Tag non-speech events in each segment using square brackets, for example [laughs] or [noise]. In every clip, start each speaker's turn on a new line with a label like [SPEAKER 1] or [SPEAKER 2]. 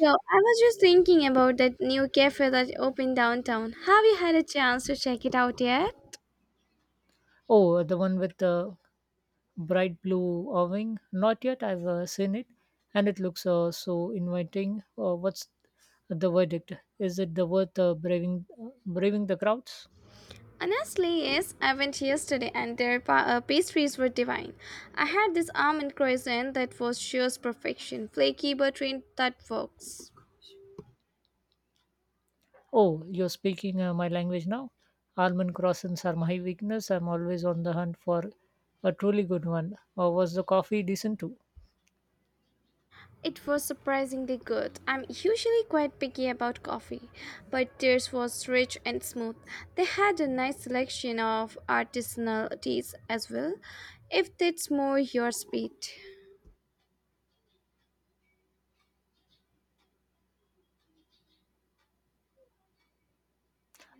[SPEAKER 1] So I was just thinking about that new cafe that opened downtown. Have you had a chance to check it out yet?
[SPEAKER 2] Oh, the one with the bright blue awning. Not yet. I've seen it, and it looks so inviting. What's the verdict? Is it the worth braving the crowds?
[SPEAKER 1] Honestly, yes. I went yesterday and their pastries were divine. I had this almond croissant that was sheer perfection, flaky buttery that works.
[SPEAKER 2] Oh, you're speaking my language now. Almond croissants are my weakness. I'm always on the hunt for a truly good one. Was the coffee decent too?
[SPEAKER 1] It was surprisingly good. I'm usually quite picky about coffee, but theirs was rich and smooth. They had a nice selection of artisanal teas as well, if that's more your speed.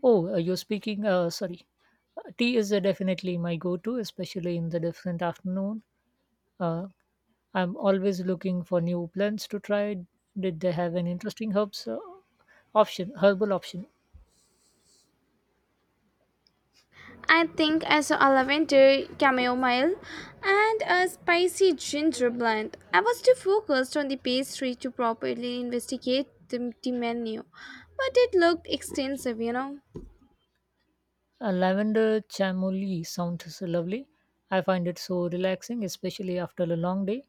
[SPEAKER 2] Oh, uh, you're speaking. Uh, sorry, Tea is definitely my go-to, especially in the different afternoon. Uh, I'm always looking for new plants to try. Did they have an interesting herbal option?
[SPEAKER 1] I think I saw a lavender chamomile and a spicy ginger blend. I was too focused on the pastry to properly investigate the menu, but it looked extensive, you know.
[SPEAKER 2] A lavender chamomile sounds lovely. I find it so relaxing, especially after a long day.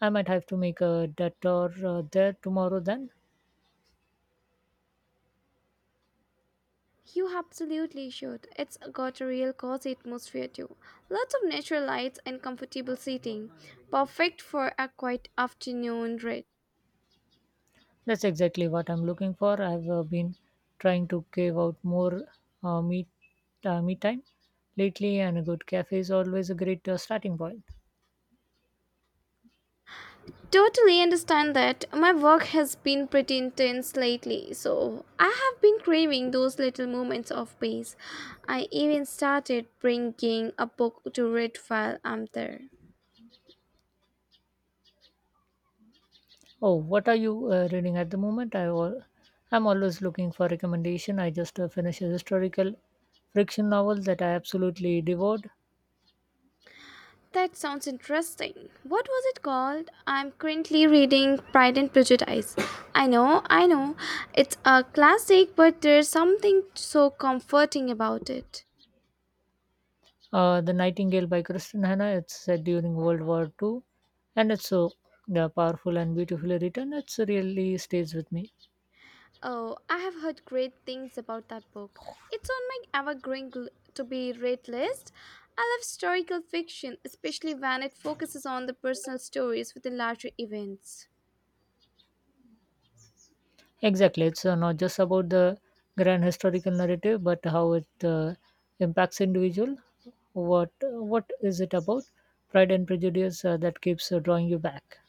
[SPEAKER 2] I might have to make a detour there tomorrow then.
[SPEAKER 1] You absolutely should. It's got a real cozy atmosphere too. Lots of natural lights and comfortable seating. Perfect for a quiet afternoon read.
[SPEAKER 2] That's exactly what I'm looking for. I've been trying to cave out more uh, meet, me time lately, and a good cafe is always a great starting point.
[SPEAKER 1] Totally understand that. My work has been pretty intense lately, so I have been craving those little moments of peace. I even started bringing a book to read while I'm there.
[SPEAKER 2] Oh, what are you reading at the moment? I'm always looking for recommendation. I just finished a historical fiction novel that I absolutely devoured.
[SPEAKER 1] That sounds interesting. What was it called? I'm currently reading Pride and Prejudice. I know, I know. It's a classic, but there's something so comforting about it.
[SPEAKER 2] The Nightingale by Kristen Hanna. It's set during World War Two, and it's so powerful and beautifully written. It's really stays with me.
[SPEAKER 1] Oh, I have heard great things about that book. It's on my ever-growing to be read list. I love historical fiction, especially when it focuses on the personal stories within larger events.
[SPEAKER 2] Exactly, it's not just about the grand historical narrative, but how it impacts individual. What is it about? Pride and Prejudice that keeps drawing you back.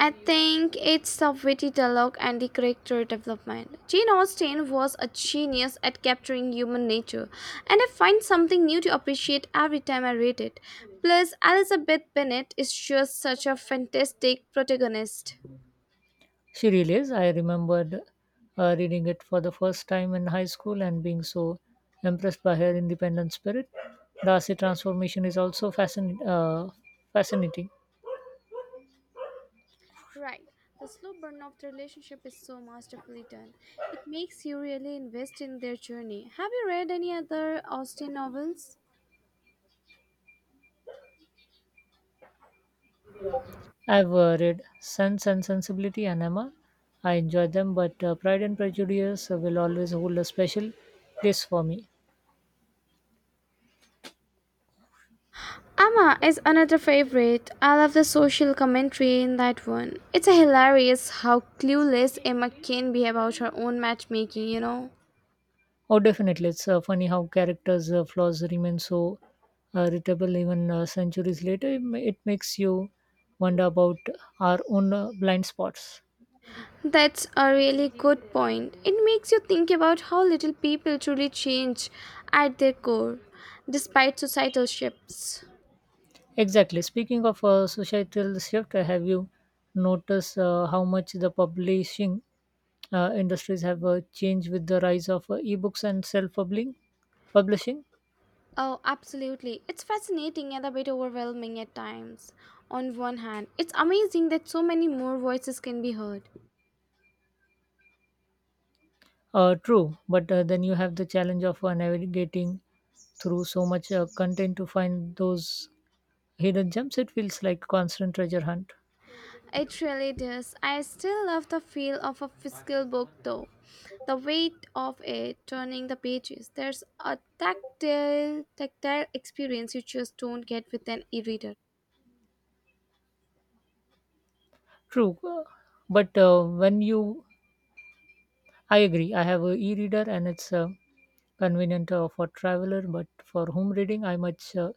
[SPEAKER 1] I think it's the witty dialogue and the character development. Jane Austen was a genius at capturing human nature, and I find something new to appreciate every time I read it. Plus, Elizabeth Bennet is just such a fantastic protagonist.
[SPEAKER 2] She relays, I remembered reading it for the first time in high school and being so impressed by her independent spirit. Darcy transformation is also fascinating.
[SPEAKER 1] Right. The slow burn of the relationship is so masterfully done. It makes you really invest in their journey. Have you read any other Austen novels?
[SPEAKER 2] I've read Sense and Sensibility and Emma. I enjoy them, but Pride and Prejudice will always hold a special place for me.
[SPEAKER 1] Amma is another favorite. I love the social commentary in that one. It's hilarious how clueless Emma can be about her own matchmaking, you know?
[SPEAKER 2] Oh, definitely. It's funny how characters' flaws remain so readable even centuries later. It makes you wonder about our own blind spots.
[SPEAKER 1] That's a really good point. It makes you think about how little people truly change at their core, despite societal shifts.
[SPEAKER 2] Exactly. Speaking of societal shift, have you noticed how much the publishing industries have changed with the rise of ebooks and self-publishing? Publishing,
[SPEAKER 1] Oh, absolutely. It's fascinating and a bit overwhelming at times. On one hand, it's amazing that so many more voices can be heard.
[SPEAKER 2] true, but then you have the challenge of navigating through so much content to find those hidden gems. It feels like constant treasure hunt.
[SPEAKER 1] It really does. I still love the feel of a physical book, though. The weight of it, turning the pages, there's a tactile experience you just don't get with an e-reader.
[SPEAKER 2] True, but when you I agree. I have a e-reader and it's convenient for traveler, but for home reading, I much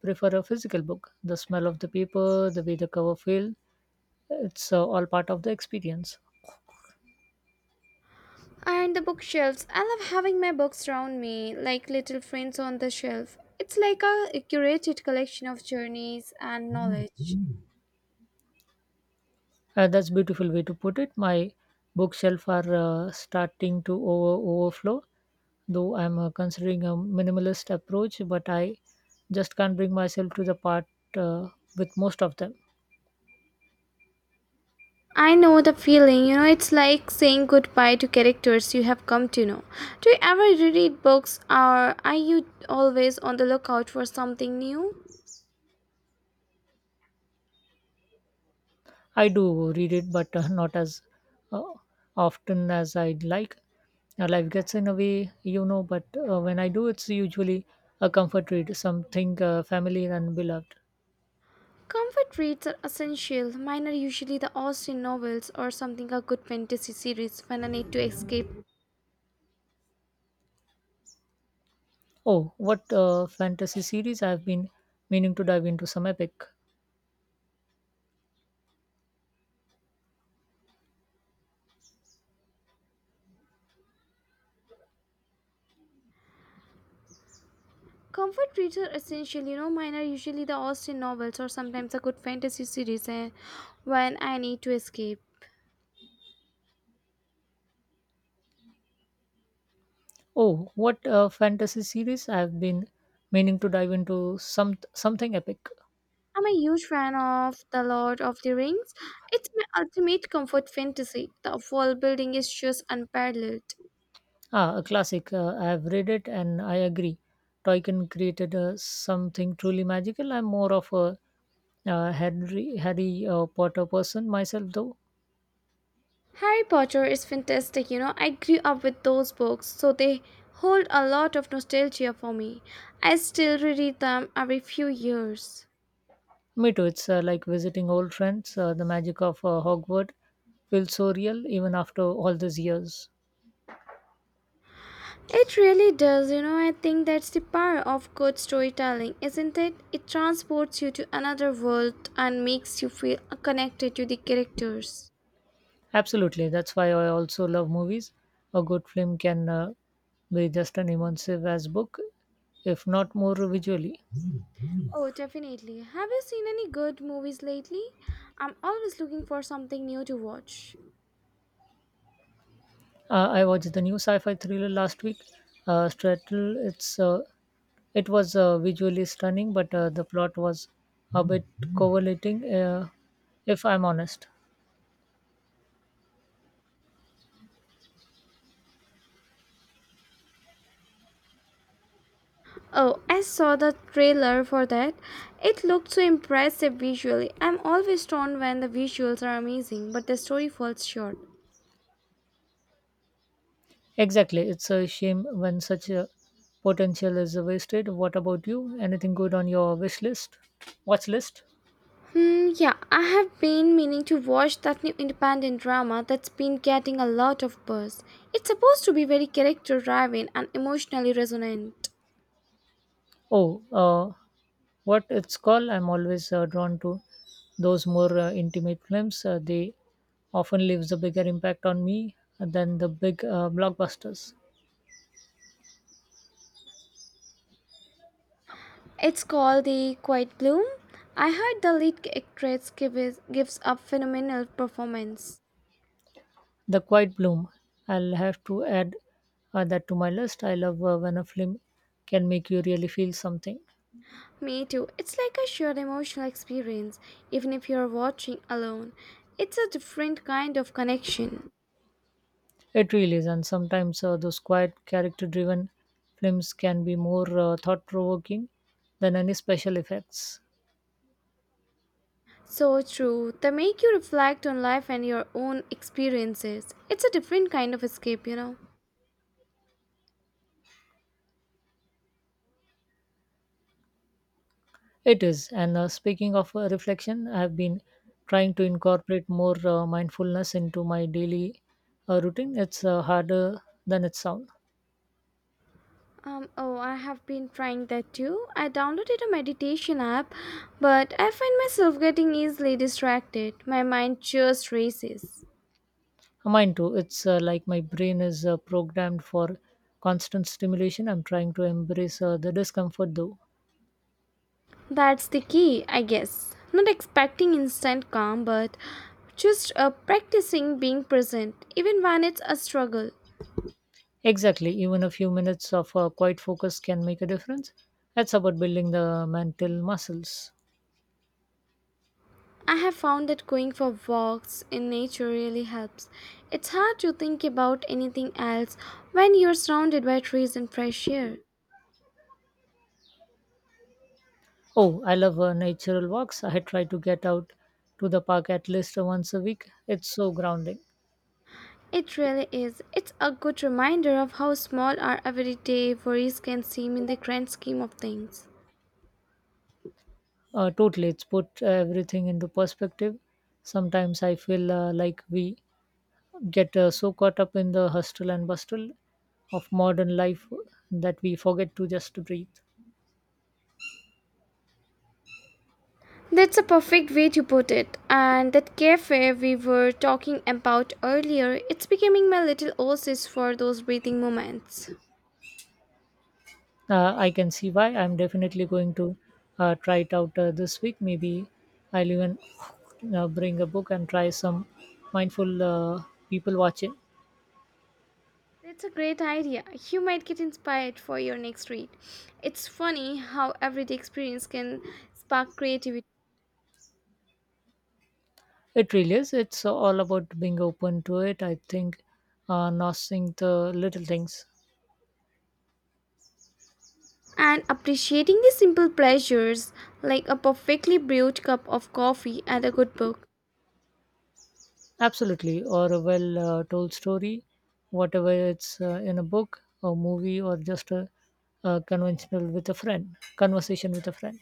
[SPEAKER 2] prefer a physical book. The smell of the paper, the way the cover feel, it's all part of the experience.
[SPEAKER 1] And the bookshelves. I love having my books around me, like little friends on the shelf. It's like a curated collection of journeys and knowledge.
[SPEAKER 2] That's beautiful way to put it. My bookshelf are starting to overflow, though I'm considering a minimalist approach, but I just can't bring myself to the part uh, with most of them.
[SPEAKER 1] I know the feeling, you know, it's like saying goodbye to characters you have come to know. Do you ever reread books or are you always on the lookout for something new?
[SPEAKER 2] I do read it, but not as uh, often as I'd like. Life gets in a way, but when I do, it's usually a comfort read, something familiar and beloved.
[SPEAKER 1] Comfort reads are essential. Mine are usually the Austen novels or something a good fantasy series when I need to escape.
[SPEAKER 2] Oh, what fantasy series I've been meaning to dive into some epic.
[SPEAKER 1] Comfort reads are essential, you know, mine are usually the Austen novels or sometimes a good fantasy series when I need to escape.
[SPEAKER 2] Oh, what fantasy series I've been meaning to dive into something epic.
[SPEAKER 1] I'm a huge fan of The Lord of the Rings. It's my ultimate comfort fantasy. The world building is just unparalleled.
[SPEAKER 2] Ah, a classic. I have read it and I agree. Tolkien created something truly magical. I'm more of a Harry, Harry Potter person myself, though.
[SPEAKER 1] Harry Potter is fantastic, you know. I grew up with those books, so they hold a lot of nostalgia for me. I still reread them every few years.
[SPEAKER 2] Me too. It's like visiting old friends. The magic of Hogwarts feels so real even after all these years.
[SPEAKER 1] It really does, you know. I think that's the power of good storytelling, isn't it? It transports you to another world and makes you feel connected to the characters.
[SPEAKER 2] Absolutely. That's why I also love movies. A good film can be just as immersive as book, if not more visually.
[SPEAKER 1] Oh, definitely. Have you seen any good movies lately? I'm always looking for something new to watch.
[SPEAKER 2] I watched the new sci-fi thriller last week. Strattle, it was visually stunning, but the plot was a bit coverlating, if I'm honest.
[SPEAKER 1] Oh, I saw the trailer for that. It looked so impressive visually. I'm always torn when the visuals are amazing, but the story falls short.
[SPEAKER 2] Exactly, it's a shame when such a potential is wasted. What about you? Anything good on your wish list? Watch list?
[SPEAKER 1] Yeah, I have been meaning to watch that new independent drama that's been getting a lot of buzz. It's supposed to be very character driven and emotionally resonant.
[SPEAKER 2] Oh, uh, what it's called? I'm always drawn to those more intimate films. They often leaves a bigger impact on me than the big blockbusters.
[SPEAKER 1] It's called The Quiet Bloom. I heard the lead actress gives a phenomenal performance.
[SPEAKER 2] The Quiet Bloom. I'll have to add that to my list. I love when a film can make you really feel something.
[SPEAKER 1] Me too. It's like a shared emotional experience, even if you're watching alone. It's a different kind of connection.
[SPEAKER 2] It really is, and sometimes those quiet, character-driven films can be more thought-provoking than any special effects.
[SPEAKER 1] So true. They make you reflect on life and your own experiences. It's a different kind of escape, you know.
[SPEAKER 2] It is. And speaking of reflection, I have been trying to incorporate more mindfulness into my daily routine. It's harder than it sounds.
[SPEAKER 1] Oh, I have been trying that too. I downloaded a meditation app, but I find myself getting easily distracted. My mind just races.
[SPEAKER 2] Mine too. It's like my brain is programmed for constant stimulation. I'm trying to embrace the discomfort though.
[SPEAKER 1] That's the key, I guess. Not expecting instant calm, but just practicing being present, even when it's a struggle.
[SPEAKER 2] Exactly. Even a few minutes of quiet focus can make a difference. That's about building the mental muscles.
[SPEAKER 1] I have found that going for walks in nature really helps. It's hard to think about anything else when you're surrounded by trees and fresh air.
[SPEAKER 2] Oh, I love natural walks. I try to get out to the park at least once a week. It's so grounding.
[SPEAKER 1] It really is. It's a good reminder of how small our everyday worries can seem in the grand scheme of things.
[SPEAKER 2] Totally, it's put everything into perspective. Sometimes I feel like we get so caught up in the hustle and bustle of modern life that we forget to just breathe.
[SPEAKER 1] That's a perfect way to put it. And that cafe we were talking about earlier, it's becoming my little oasis for those breathing moments.
[SPEAKER 2] I can see why. I'm definitely going to try it out this week. Maybe I'll even bring a book and try some mindful people watching.
[SPEAKER 1] That's a great idea. You might get inspired for your next read. It's funny how everyday experience can spark creativity.
[SPEAKER 2] It really is. It's all about being open to it. I think noticing the little things.
[SPEAKER 1] And appreciating the simple pleasures like a perfectly brewed cup of coffee and a good book.
[SPEAKER 2] Absolutely, or a well told story, whatever it's in a book, or movie, or just a conventional with a friend, conversation with a friend.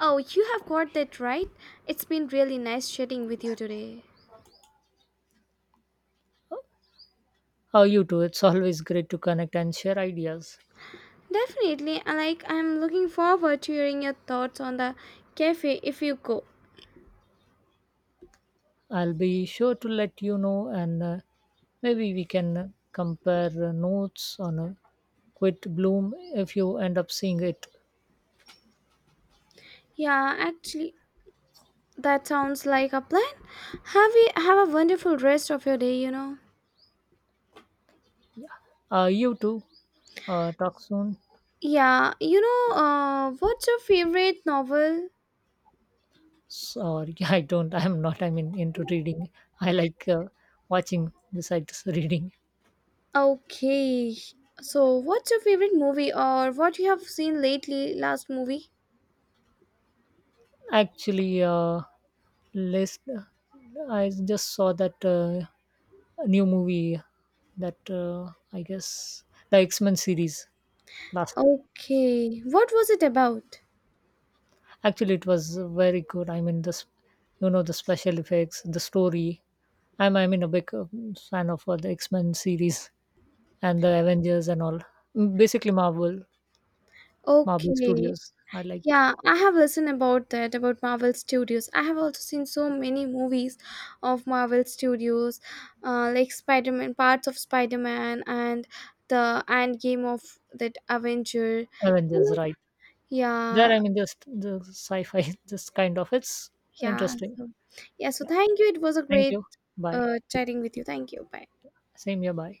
[SPEAKER 1] Oh, you have got that right. It's been really nice chatting with you today.
[SPEAKER 2] How are you two? It's [laughs] always great to connect and share ideas.
[SPEAKER 1] Definitely, I like I'm looking forward to hearing your thoughts on the cafe if you go.
[SPEAKER 2] I'll be sure to let you know, and maybe we can compare notes on a quit bloom if you end up seeing it.
[SPEAKER 1] Yeah, actually, that sounds like a plan. Have you have a wonderful rest of your day.
[SPEAKER 2] You too. Talk soon.
[SPEAKER 1] Yeah, you know, what's your favorite novel?
[SPEAKER 2] Sorry, [laughs] I don't. I'm not. I mean, into reading. I like watching besides [laughs] reading.
[SPEAKER 1] Okay. So, what's your favorite movie or what you have seen lately last movie?
[SPEAKER 2] Actually, list. I just saw that new movie that I guess the X Men series last.
[SPEAKER 1] Okay. What was it about?
[SPEAKER 2] Actually, it was very good. I mean, this you know the special effects, the story. I mean a big fan of the X Men series and the Avengers and all. Basically, Marvel. Marvel
[SPEAKER 1] Okay.
[SPEAKER 2] Studios. I like
[SPEAKER 1] Yeah, I have listened about that about Marvel Studios. I have also seen so many movies of Marvel Studios, like Spider Man, parts of Spider Man, and the end game of that Avenger. You
[SPEAKER 2] Avengers,
[SPEAKER 1] know?
[SPEAKER 2] right? There,
[SPEAKER 1] Yeah,
[SPEAKER 2] I mean, just the sci fi, [laughs] just kind of, it's
[SPEAKER 1] yeah.
[SPEAKER 2] interesting.
[SPEAKER 1] So, yeah. So
[SPEAKER 2] Yeah.
[SPEAKER 1] thank you. It was a
[SPEAKER 2] Thank
[SPEAKER 1] great
[SPEAKER 2] you. Bye.
[SPEAKER 1] chatting with you. Thank you. Bye.
[SPEAKER 2] Same here. Bye.